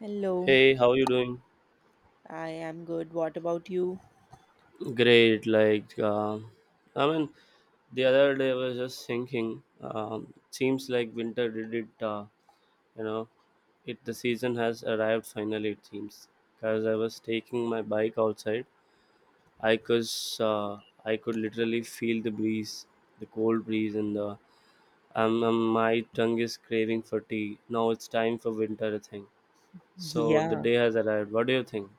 Hello, Hey, how you doing? I am good. What about you? Great. I mean, the other day I was just thinking. Seems like winter did it. You know, it the season has arrived finally. It seems because I was taking my bike outside. I could uh, I could literally feel the breeze, the cold breeze, and the my tongue is craving for tea. Now it's time for winter. I think so. The Yeah, day has arrived. What do you think?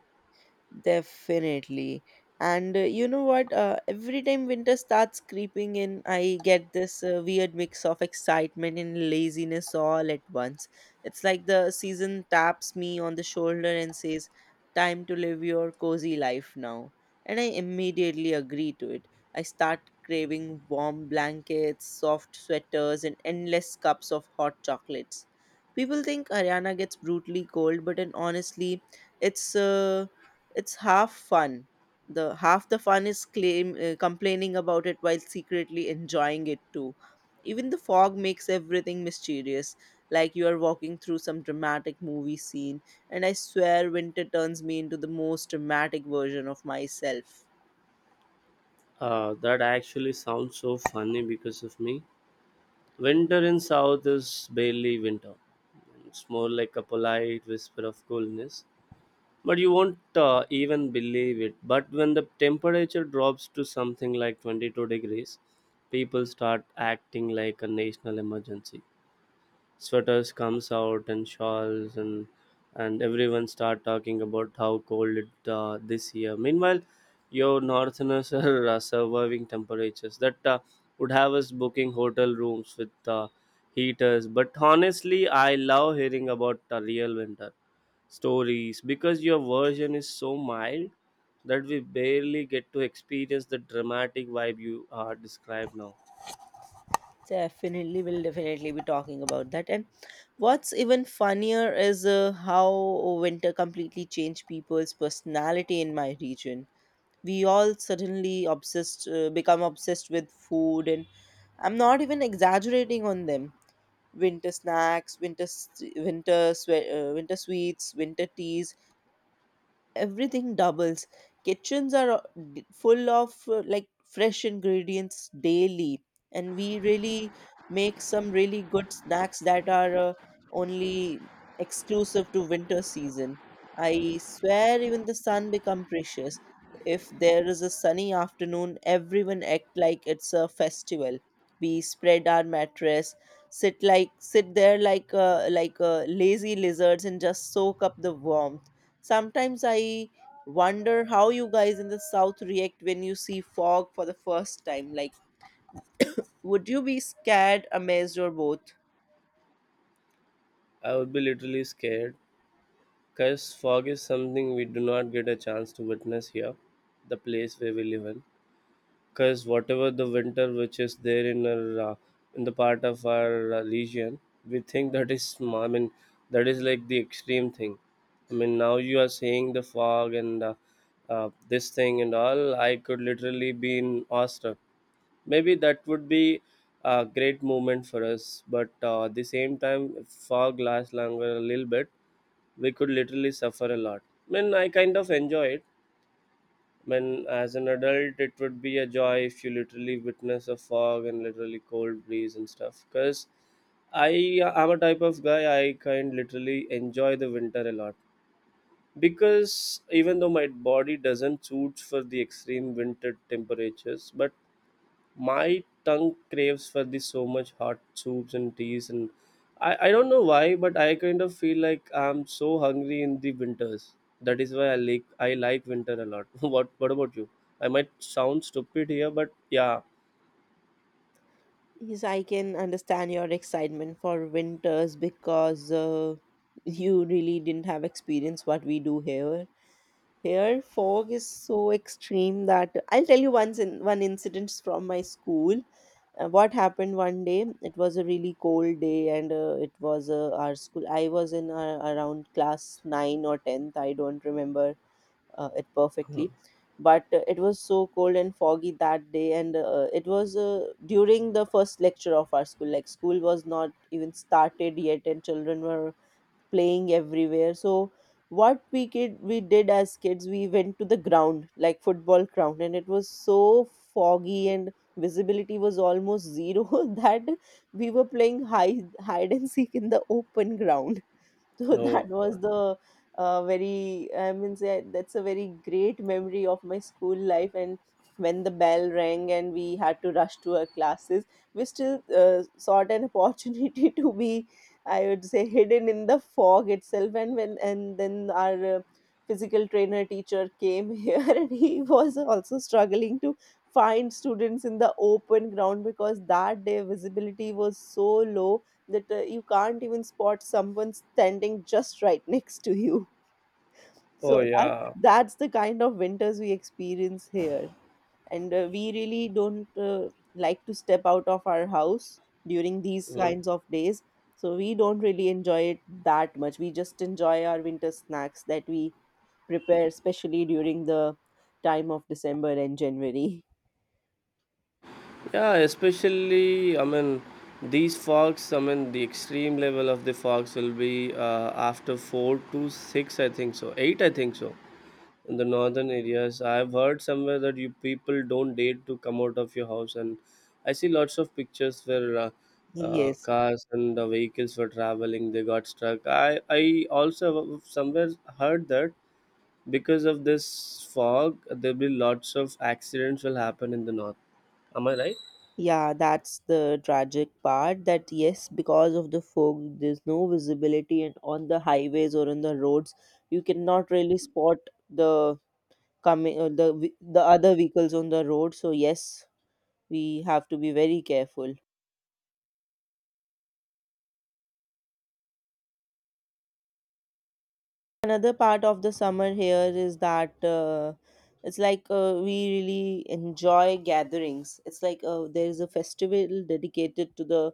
definitely. And you know what? Every time winter starts creeping in, I get this weird mix of excitement and laziness all at once. It's like the season taps me on the shoulder and says, time to live your cozy life now. And I immediately agree to it. I start craving warm blankets, soft sweaters, and endless cups of hot chocolates. People think Haryana gets brutally cold, but and honestly, it's. Uh, it's half fun, the half the fun is claim complaining about it while secretly enjoying it too. Even the fog makes everything mysterious, like you are walking through some dramatic movie scene. And I swear winter turns me into the most dramatic version of myself. That actually sounds so funny because of me. Winter in South is barely winter. It's more like a polite whisper of coolness. But you won't even believe it. But when the temperature drops to something like 22 degrees, people start acting like a national emergency. Sweaters comes out and shawls, and everyone start talking about how cold it this year. Meanwhile, your northerners are surviving temperatures that would have us booking hotel rooms with heaters. But honestly, I love hearing about the real winter stories because your version is so mild that we barely get to experience the dramatic vibe you described. Now Definitely, we'll definitely be talking about that. And what's even funnier is how winter completely changed people's personality in my region. We all suddenly obsessed uh, become obsessed with food, and I'm not even exaggerating on them. Winter snacks, winter sweets, winter teas, everything doubles. Kitchens are full of like fresh ingredients daily, and we really make some really good snacks that are only exclusive to winter season. I swear, even the sun become precious. If there is a sunny afternoon, everyone act like it's a festival. We spread our mattress, sit there like lazy lizards, and just soak up the warmth. Sometimes I wonder how you guys in the south react when you see fog for the first time. Like, would you be scared, amazed, or both? I would be literally scared. Because fog is something we do not get a chance to witness here, the place where we live in. Because whatever the winter which is there in our, in the part of our region, we think that is, that is like the extreme thing. I mean, now you are saying the fog and this thing and all, I could literally be in awestruck. Maybe that would be a great moment for us, but at the same time, if fog lasts longer a little bit, we could literally suffer a lot. I mean, I kind of enjoy it. I mean, as an adult, it would be a joy if you literally witness a fog and literally cold breeze and stuff. Because I am a type of guy I kind literally enjoy the winter a lot. Because even though my body doesn't suit for the extreme winter temperatures, but my tongue craves for this so much hot soups and teas. And I don't know why but I kind of feel like I'm so hungry in the winters, that is why I like winter a lot. What about you? I might sound stupid here, but yeah. Yes, I can understand your excitement for winters because you really didn't have experience what we do here. Here, fog is so extreme that I'll tell you once in one incident from my school. What happened, one day it was a really cold day, and it was our school, I was in around class 9 or 10th, I don't remember it Huh. perfectly. But it was so cold and foggy that day, and it was during the first lecture of our school, like school was not even started yet and children were playing everywhere. So what we did as kids, we went to the ground, like football ground, and it was so foggy and visibility was almost zero that we were playing hide and seek in the open ground. So Oh that was god. the I mean, that's a very great memory of my school life. And when the bell rang and we had to rush to our classes, we still sought an opportunity to be, I would say, hidden in the fog itself. And when and then our physical trainer teacher came here, and he was also struggling to find students in the open ground, because that day visibility was so low that you can't even spot someone standing just right next to you. Oh So that's yeah. that's the kind of winters we experience here, and we really don't like to step out of our house during these Mhm. kinds of days. So we don't really enjoy it that much. We just enjoy our winter snacks that we prepare, especially during the time of December and January. Yeah, especially, I mean, these fogs, I mean, the extreme level of the fogs will be after 4 to 6, I think so, 8, I think so. In the northern areas I've heard somewhere that you people don't dare to come out of your house. And I see lots of pictures where Yes. cars and vehicles were traveling, they got struck. I also somewhere heard that because of this fog there'll be lots of accidents will happen in the north. Am I right? Yeah, that's the tragic part, that yes, because of the fog, there's no visibility, and on the highways or on the roads, you cannot really spot the coming the other vehicles on the road. So yes, we have to be very careful. Another part of the summer here is that it's like we really enjoy gatherings. It's like there is a festival dedicated to the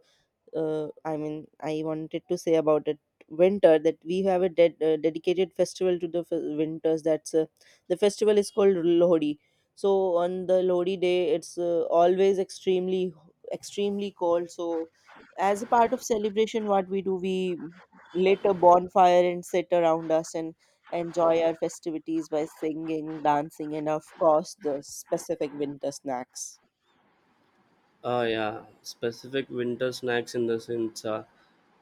I mean, I wanted to say about it, winter, that we have a dedicated festival to the winters. That's the festival is called Lohri. So on the Lohri day, it's always extremely cold. So as a part of celebration, what we do, we lit a bonfire and sit around us and enjoy our festivities by singing, dancing, and of course the specific winter snacks. Oh yeah, specific winter snacks in the sense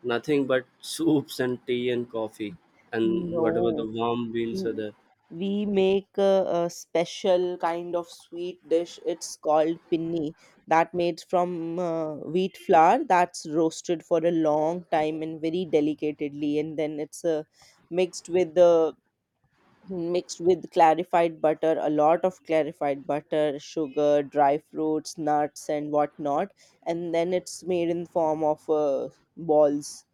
nothing but soups and tea and coffee and whatever the No. warm meals are we there. we make a special kind of sweet dish, it's called pinni, that made from wheat flour that's roasted for a long time and very delicately, and then it's mixed with the mixed with clarified butter, a lot of clarified butter, sugar, dry fruits, nuts, and whatnot. And then it's made in form of balls,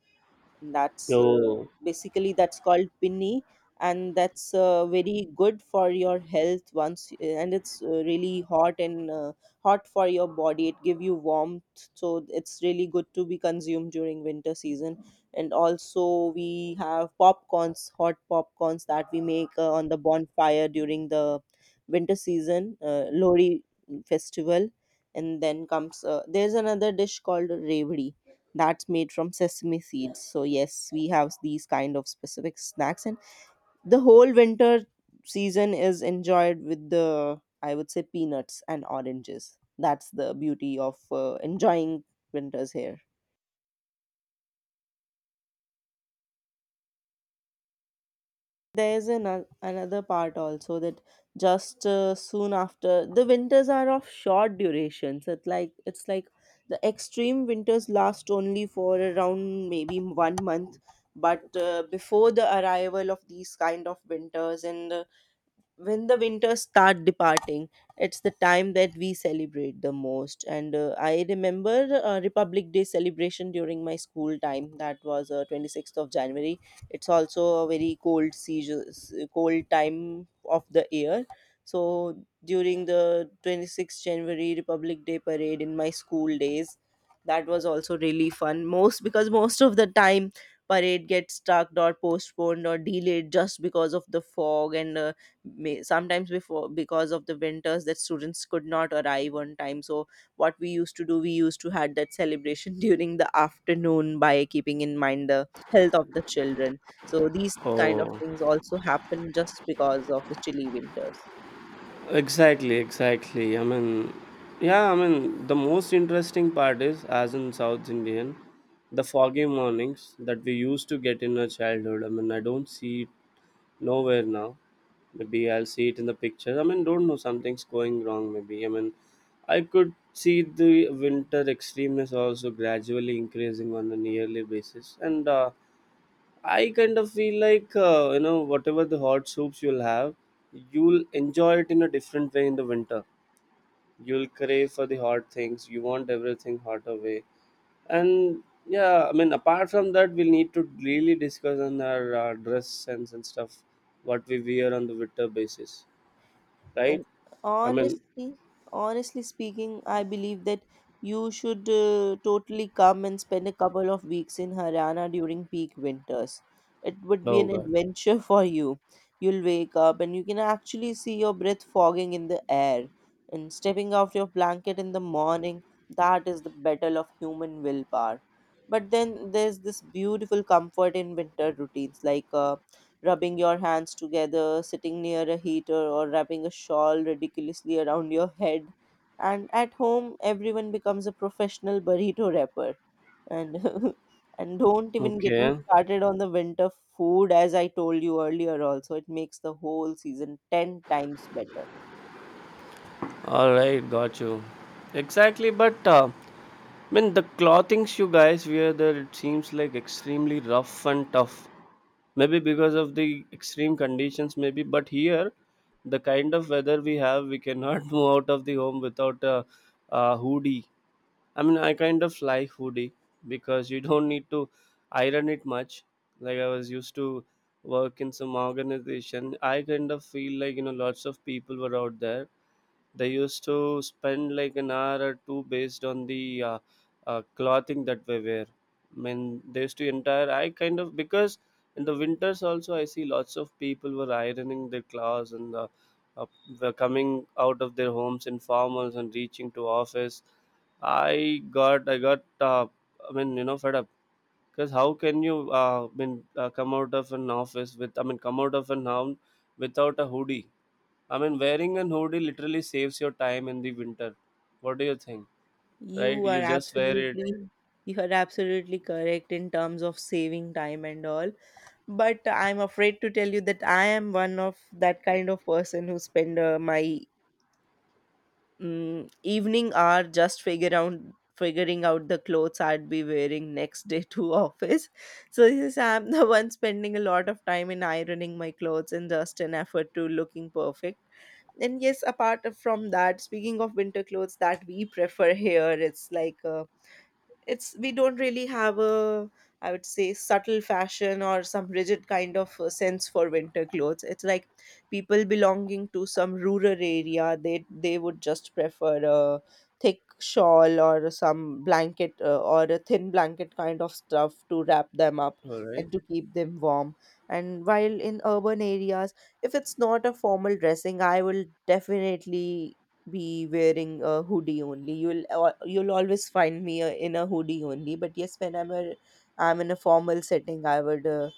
and that's Oh. basically that's called pinni. And that's very good for your health once, and it's really hot, and hot for your body, it give you warmth, so it's really good to be consumed during winter season. And also we have popcorns, hot popcorns, that we make on the bonfire during the winter season, Lori festival. And then comes there's another dish called revdi, that's made from sesame seeds. So yes, we have these kind of specific snacks, and the whole winter season is enjoyed with the, I would say, peanuts and oranges. That's the beauty of enjoying winters here. There is an, another part also, that just soon after the winters are of short durations. It's like the extreme winters last only for around maybe 1 month, but before the arrival of these kind of winters, and when the winters start departing, it's the time that we celebrate the most. And I remember Republic Day celebration during my school time, that was 26th of January. It's also a very cold season, cold time of the year. So during the 26th January Republic Day parade in my school days, that was also really fun, most because most of the time parade gets stuck or postponed or delayed just because of the fog. And sometimes before, because of the winters, that students could not arrive on time. So what we used to do, we used to had that celebration during the afternoon, by keeping in mind the health of the children. So these kind of Oh, things also happen just because of the chilly winters. exactly, exactly. I mean, yeah, I mean, the most interesting part is, as in South Indian, the foggy mornings that we used to get in our childhood. I mean, I don't see it nowhere now. Maybe I'll see it in the pictures. I mean, don't know, something's going wrong, maybe. I mean, I could see the winter extremeness also gradually increasing on a yearly basis. And I kind of feel like you know whatever the hot soups you'll have, you'll enjoy it in a different way in the winter. You'll crave for the hot things. You want everything hot away. And yeah, I mean apart from that, we'll need to really discuss on our dress sense and stuff, what we wear on the winter basis, right? And I mean, honestly, honestly speaking, I believe that you should totally come and spend a couple of weeks in Haryana during peak winters. It would be oh an god. adventure for you. You'll wake up and you can actually see your breath fogging in the air, and stepping out your blanket in the morning, that is the battle of human willpower. But then there's this beautiful comfort in winter routines, like rubbing your hands together, sitting near a heater, or wrapping a shawl ridiculously around your head. And at home, everyone becomes a professional burrito wrapper. And and don't even get me Okay. started on the winter food, as I told you earlier. Also, it makes the whole season 10 times better. All right, got you. Exactly, but. I mean, the clothings you guys wear there, it seems like extremely rough and tough. Maybe because of the extreme conditions, maybe. But here, the kind of weather we have, we cannot move out of the home without a hoodie. I mean, I kind of like hoodie because you don't need to iron it much. Like I was used to work in some organization. I kind of feel like, you know, lots of people were out there, they used to spend like an hour or two based on the clothing that we wear. I mean, they used to entire. I kind of because in the winters also I see lots of people were ironing their clothes and uh, were coming out of their homes in formals and reaching to office. I got I mean, you know, fed up because how can you I mean come out of an office with I mean come out of an home without a hoodie. I mean, wearing an hoodie literally saves your time in the winter. What do you think? Right? You You are just wear it. absolutely you are absolutely correct in terms of saving time and all, but I'm afraid to tell you that I am one of that kind of person who spend my evening hour just figure out figuring out the clothes I'd be wearing next day to office. So yes, I'm the one spending a lot of time in ironing my clothes and just an effort to looking perfect. And yes, apart from that, speaking of winter clothes that we prefer here, it's like it's we don't really have a, I would say, subtle fashion or some rigid kind of sense for winter clothes. It's like people belonging to some rural area, they would just prefer a thick shawl or some blanket, or a thin blanket kind of stuff, to wrap them up All right. and to keep them warm. And while in urban areas, if it's not a formal dressing, I will definitely be wearing a hoodie only. You'll always find me in a hoodie only. But yes, when I'm in a formal setting, I would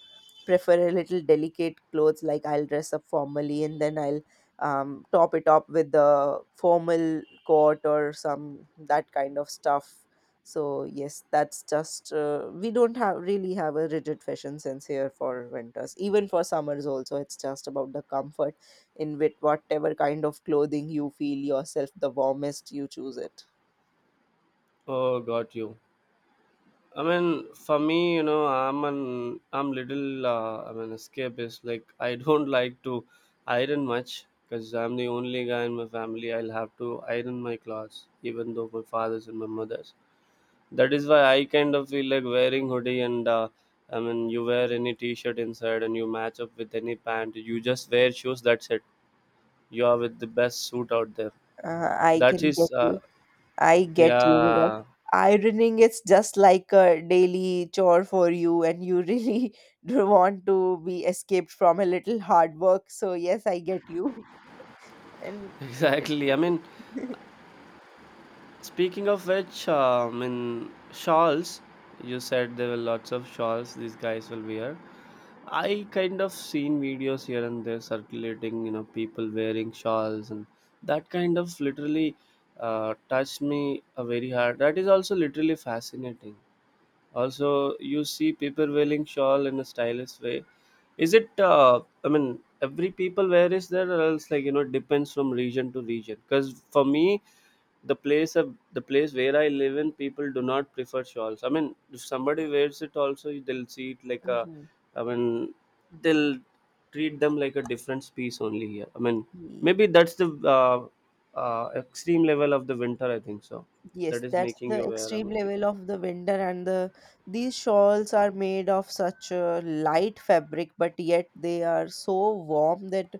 prefer a little delicate clothes, like I'll dress up formally, and then I'll top it up with the formal coat or some that kind of stuff. So yes, that's just we don't have really have a rigid fashion sense here for winters, even for summers also, it's just about the comfort in with whatever kind of clothing you feel yourself the warmest, you choose it. Oh, got you. I mean, for me, you know, I'm little I'm an escapist. Like I don't like to iron much because I'm the only guy in my family. I'll have to iron my clothes, even though my father's and my mother's. That is why I kind of feel like wearing hoodie. And I mean, you wear any t-shirt inside and you match up with any pant. You just wear shoes. That's it, you are with the best suit out there. uh, i That can is, get you I get you. Because yeah, ironing is just like a daily chore for you, and you really do want to be escaped from a little hard work. So, yes, I get you. And it's. exactly. I mean, speaking of which, I mean, shawls, you said there were lots of shawls these guys will wear. I kind of seen videos here and there circulating, you know, people wearing shawls, and that kind of literally touched me very hard. That is also literally fascinating. Also, you see people wearing shawl in a stylish way. Is it? I mean, every people where is there, or else like you know, it depends from region to region. Because for me, the place where I live in, people do not prefer shawls. I mean, if somebody wears it, also they'll see it like a. I mean, they'll treat them like a different piece only here. I mean, maybe Mhm. that's the extreme level of the winter. I think so. Yes, That is that's making the you wear. A extreme mean. level of the winter, and the these shawls are made of such a light fabric, but yet they are so warm that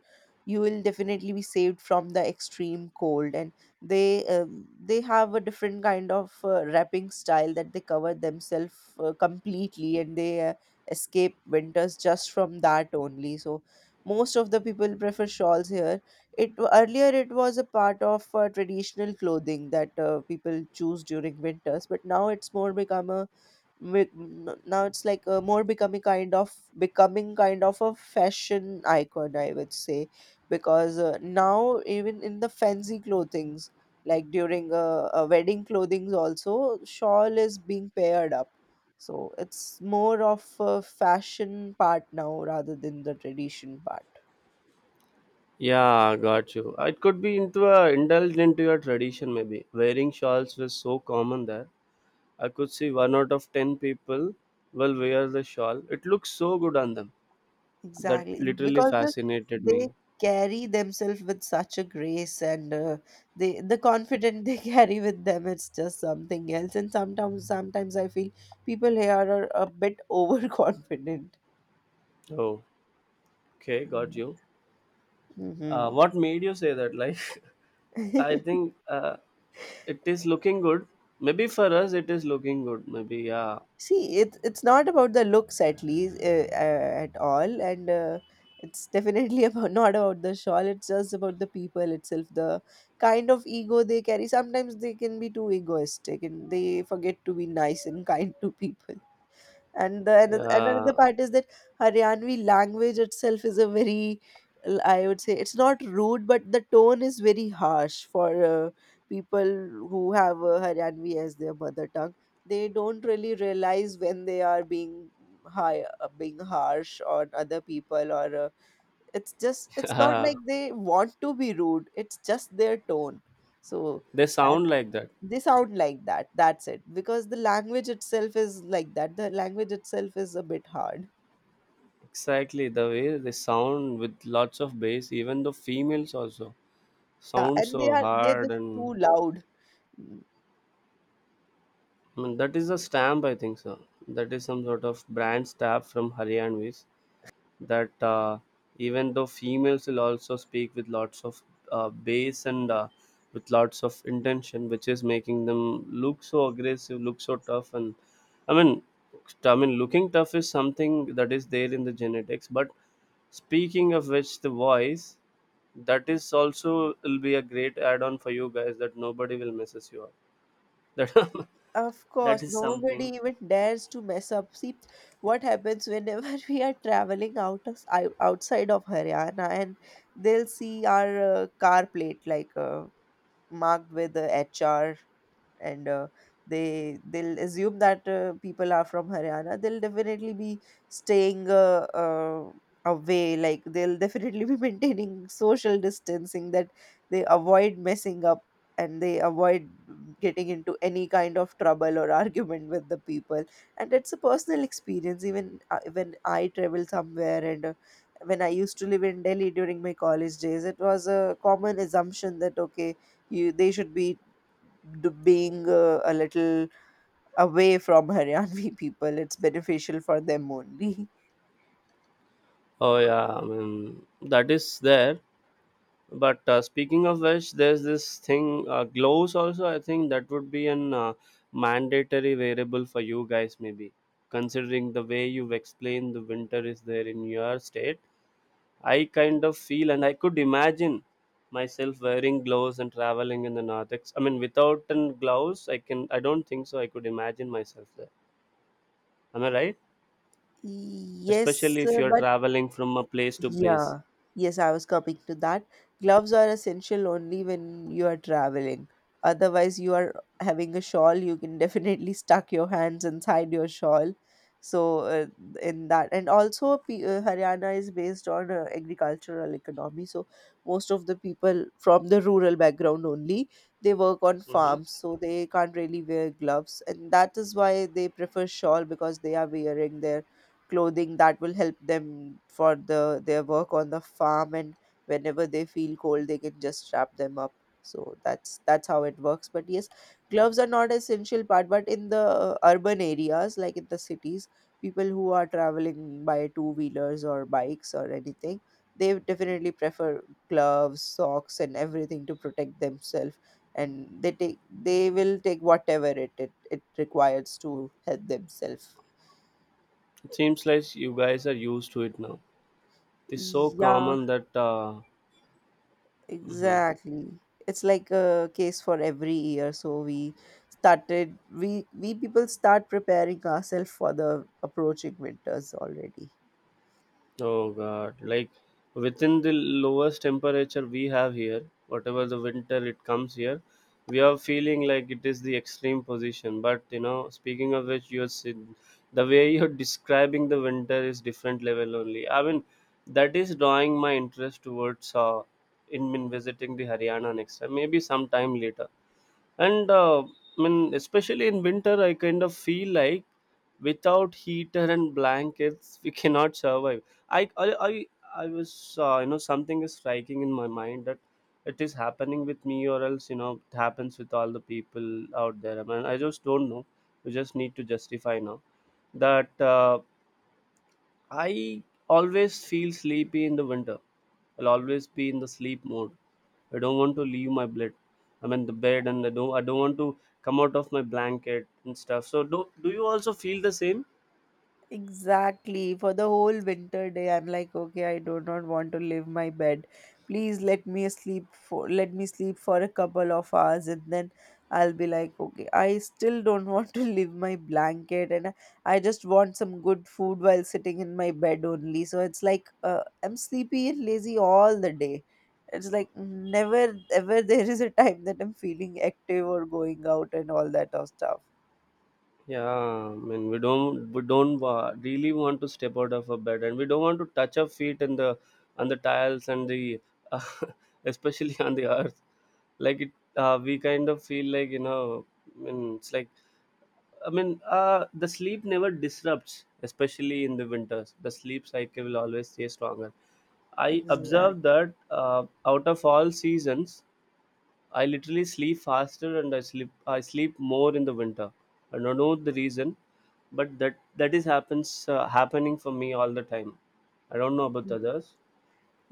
you will definitely be saved from the extreme cold. And they have a different kind of wrapping style that they cover themselves completely, and they escape winters just from that only. So most of the people prefer shawls here. It Earlier it was a part of traditional clothing that people choose during winters, but now it's more become a now it's like a more becoming kind of a fashion icon, I would say, because now even in the fancy clothings, like during a wedding clothings also, shawl is being paired up. So it's more of a fashion part now rather than the tradition part. Yeah, got you. It could be into a indulged into your tradition maybe. Wearing shawls was so common there. I could see one out of ten people will wear the shawl. It looks so good on them. That Exactly, literally because fascinated they me. carry themselves with such a grace and the confidence they carry with them, it's just something else. And sometimes I feel people here are a bit overconfident. Oh, okay, got you. Mm-hmm. What made you say that? Like, I think it is looking good. Maybe for us, it is looking good. Maybe yeah, See, it's not about the looks, at least at all, and it's definitely about not about the shawl. It's just about the people itself, the kind of ego they carry. Sometimes they can be too egoistic, and they forget to be nice and kind to people. And yeah. another part is that Haryanvi language itself is a very I would say it's not rude, but the tone is very harsh for people who have Haryanvi as their mother tongue. They don't really realize when they are being harsh on other people, or it's just it's not like they want to be rude. It's just their tone. So They sound like that. they sound like that. That's it, because the language itself is like that. The language itself is a bit hard. Exactly the way they sound with lots of bass, even the females also Yeah, sound and so they're hard. just And too loud. Mm, I mean, that is a stamp, I think so. That is some sort of brand stamp from Haryanvis, that even though females will also speak with lots of bass and with lots of intention, which is making them look so aggressive, look so tough. And I mean, I mean, looking tough is something that is there in the genetics. But speaking of which, the voice, that is also will be a great add-on for you guys that nobody will messes you up. That of that course is nobody something. even dares to mess up. See what happens whenever we are traveling outside of Haryana and they'll see our car plate, like marked with HR, and they they'll assume that people are from Haryana. They'll definitely be staying away. Like they'll definitely be maintaining social distancing, that they avoid messing up and they avoid getting into any kind of trouble or argument with the people. And it's a personal experience, even when I travel somewhere, and when I used to live in Delhi during my college days, it was a common assumption that, okay, you they should be being a little away from Haryanvi people. It's beneficial for them only. Oh yeah, I mean that is there. But speaking of which, there's this thing gloves also. I think that would be an mandatory variable for you guys maybe, considering the way you've explained the winter is there in your state. I kind of feel and I could imagine myself wearing gloves and traveling in the north. I mean, without an gloves, I can. I don't think so. I could imagine myself there. Am I right? Yes, Especially if you're but traveling from a place to place. yeah. Yes, I was coming to that. Gloves are essential only when you are traveling. Otherwise, you are having a shawl, you can definitely stuck your hands inside your shawl. So, in that, and also, Haryana is based on agricultural economy. So, most of the people from the rural background only, they work on Mm-hmm. farms. So, they can't really wear gloves. And that is why they prefer shawl, because they are wearing their clothing that will help them for their work on the farm. And whenever they feel cold, they can just wrap them up. So that's how it works. But yes, gloves are not essential part, but in the urban areas, like in the cities, people who are traveling by two wheelers or bikes or anything, they definitely prefer gloves, socks and everything to protect themselves. And they will take whatever it requires to help themselves. It seems like you guys are used to it now. It's so Yeah. common that mhm. Exactly. It's like a case for every year. So we people start preparing ourselves for the approaching winters already. Oh god, like within the lowest temperature we have here, whatever the winter it comes here, we are feeling like it is the extreme position. But you know, speaking of which, the way you're describing the winter is different level only. I mean, that is drawing my interest towards in visiting the Haryana next time, maybe sometime later and I mean especially in winter I kind of feel like without heater and blankets we cannot survive i i i, I was something is striking in my mind that it is happening with me or else it happens with all the people out there. I mean, I just don't know. We just need to justify now that I always feel sleepy in the winter. I'll always be in the sleep mode. I don't want to leave my bed. I mean the bed, and I don't want to come out of my blanket and stuff. So do you also feel the same? Exactly. For the whole winter day, I'm like, okay, I do not want to leave my bed. Please let me sleep for a couple of hours, and then I'll be like, okay, I still don't want to leave my blanket, and I just want some good food while sitting in my bed only. So it's like, I'm sleepy and lazy all the day. It's like never ever there is a time that I'm feeling active or going out and all that of stuff. Yeah, I mean we don't wa- really want to step out of our bed, and we don't want to touch our feet and the on the tiles and the especially on the earth. Like it, we kind of feel like it's like the sleep never disrupts, especially in the winters. The sleep cycle will always stay stronger. I observed Exactly. that out of all seasons, I literally sleep faster and I sleep more in the winter. I don't know the reason, but that is happens happening for me all the time. I don't know about others.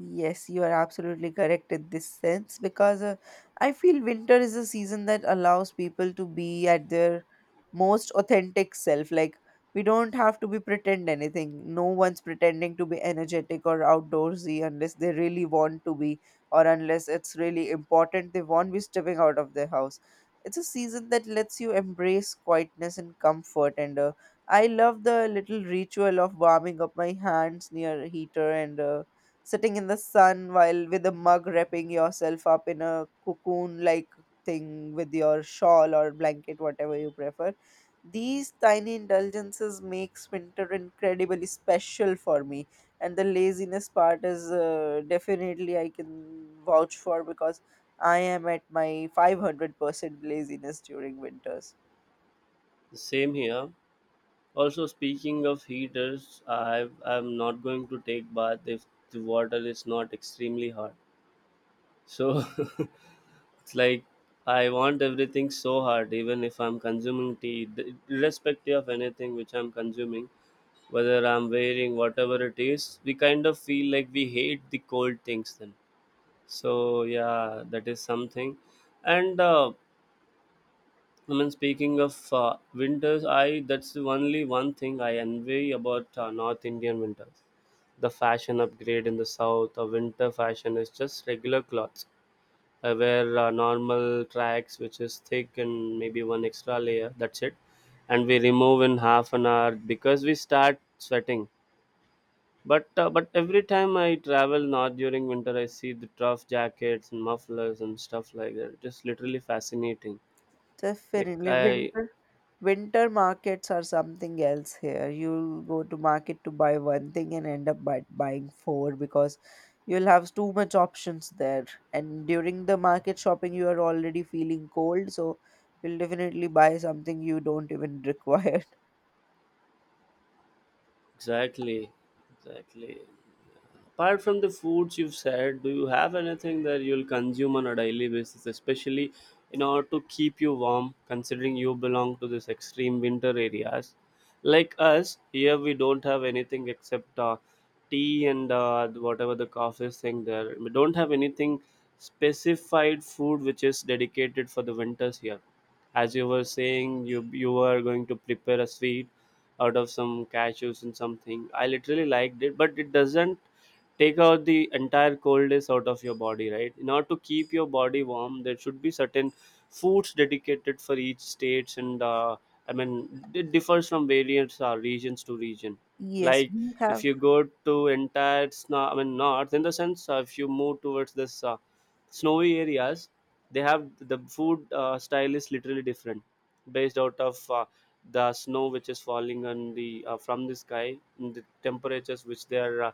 Yes, you are absolutely correct in this sense, because I feel winter is a season that allows people to be at their most authentic self. Like, we don't have to be pretend anything. No one's pretending to be energetic or outdoorsy unless they really want to be, or unless it's really important they want to be stepping out of their house. It's a season that lets you embrace quietness and comfort. And I love the little ritual of warming up my hands near a heater, and sitting in the sun while with a mug, wrapping yourself up in a cocoon like thing with your shawl or blanket, whatever you prefer. These tiny indulgences makes winter incredibly special for me. And the laziness part is definitely I can vouch for, because I am at my 500% laziness during winters. Same here. Also, speaking of heaters, I'm not going to take bath if the water is not extremely hot. So it's like I want everything so hard, even if I'm consuming tea, irrespective of anything which I'm consuming, whether I'm wearing whatever it is, we kind of feel like we hate the cold things then. So, yeah, that is something. And I mean, speaking of winters, I that's the only one thing I envy about North Indian winters. The fashion upgrade in the south, the winter fashion is just regular clothes. I wear normal tracks, which is thick and maybe one extra layer. That's it. And we remove in half an hour because we start sweating. But every time I travel, not during winter, I see the tough jackets and mufflers and stuff like that. It is literally fascinating. Like Definitely I winter. Winter markets are something else here. You'll go to market to buy one thing and end up buying four, because you'll have too much options there. And during the market shopping, you are already feeling cold, so you'll definitely buy something you don't even require. exactly, exactly. Apart from the foods you've said, do you have anything that you'll consume on a daily basis, especially in order to keep you warm, considering you belong to this extreme winter areas? Like us, here we don't have anything except tea and whatever the coffee thing there. We don't have anything specified food which is dedicated for the winters here. As you were saying, you are going to prepare a sweet out of some cashews and something. I literally liked it, but it doesn't take out the entire coldness out of your body right in order to keep your body warm there should be certain foods dedicated for each states and I mean it differs from various regions to region Yes, like we if have. you go to entire snow I mean north in the sense if you move towards this snowy areas they have the food style is literally different based out of the snow which is falling on the from the sky and the temperatures which they are uh,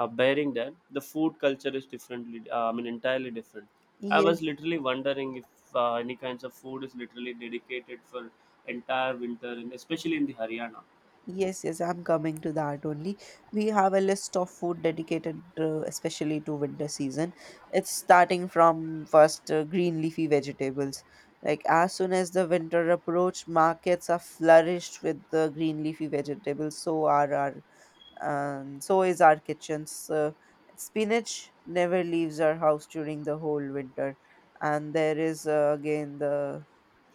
uh, bearing that the food culture is differently I mean entirely different. I was Yes, literally wondering if any kinds of food is literally dedicated for entire winter and especially in the Haryana. yes, yes, I'm coming to that only. We have a list of food dedicated especially to winter season. It's starting from first green leafy vegetables. Like as soon as the winter approach, markets are flourished with the green leafy vegetables. So are our, so is our kitchens. Spinach never leaves our house during the whole winter. And there is again the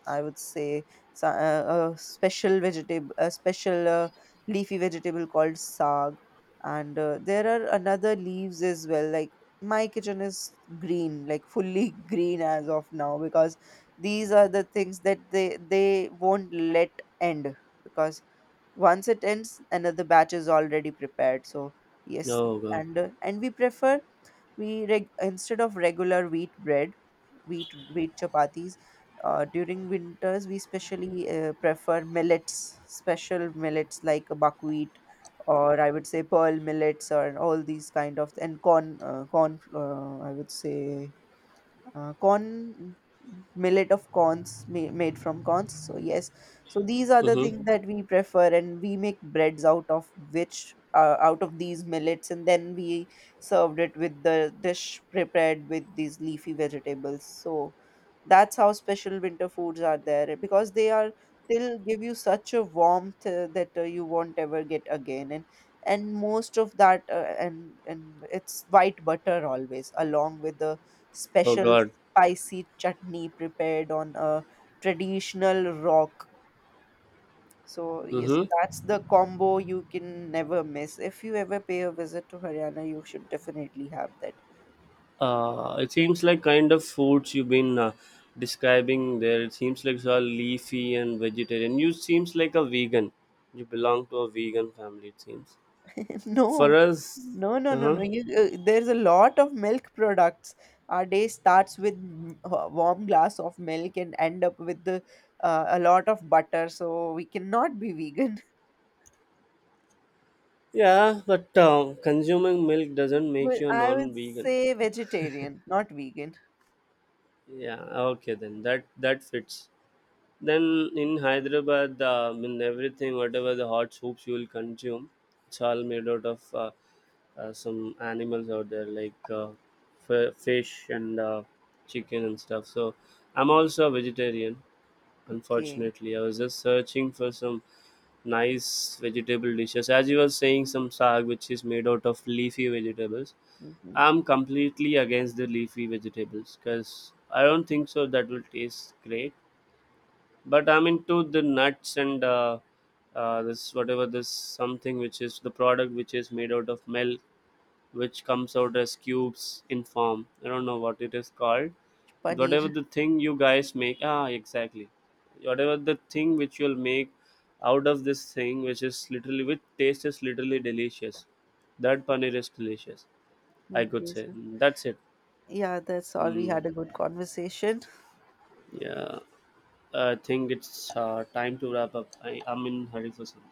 I would say a special vegetable, a special leafy vegetable called sag. And there are another leaves as well. Like my kitchen is green, like fully green as of now, because these are the things that they won't let end, because once it ends, another batch is already prepared. So yes. Oh god. And we prefer, instead of regular wheat bread, wheat chapatis, during winters we specially prefer millets, special millets like buckwheat, or I would say pearl millets or all these kind of. And corn corn I would say corn millet, of corns made from corns. So yes, so these are the Mm-hmm. things that we prefer, and we make breads out of which, out of these millets, and then we served it with the dish prepared with these leafy vegetables. So that's how special winter foods are there, because they are they'll give you such a warmth, that you won't ever get again. And most of that and it's white butter always, along with the Oh special god. spicy chutney prepared on a traditional rock. So, yes, Mm-hmm. that's the combo you can never miss. If you ever pay a visit to Haryana, you should definitely have that. It seems like kind of foods you've been describing there. It seems like it's all leafy and vegetarian. You seems like a vegan. You belong to a vegan family. It seems. For No, us, no, no, uh no, huh. no. You, there's a lot of milk products. Our day starts with a warm glass of milk and end up with the, a lot of butter, so we cannot be vegan. Yeah, but consuming milk doesn't make Well, you a I would non-vegan. say vegetarian, not vegan. Yeah, okay then that fits. Then in Hyderabad, I mean everything, whatever the hot soups you will consume, it's all made out of some animals out there like fish and chicken and stuff. So I'm also a vegetarian. Okay. Unfortunately, I was just searching for some nice vegetable dishes. As you were saying, some saag which is made out of leafy vegetables. Mhm. I'm completely against the leafy vegetables because I don't think so that will taste great. But I'm into the nuts and this whatever this something which is the product which is made out of milk, which comes out as cubes in form. I don't know what it is called. Whatever Paneer. the thing you guys make, ah, exactly. Whatever the thing which you'll make out of this thing, which is literally which taste is literally delicious. That paneer is delicious. I could Okay, say so that's it. yeah, that's all. We Hmm. had a good conversation. Yeah, I think it's time to wrap up. I'm in hurry for something.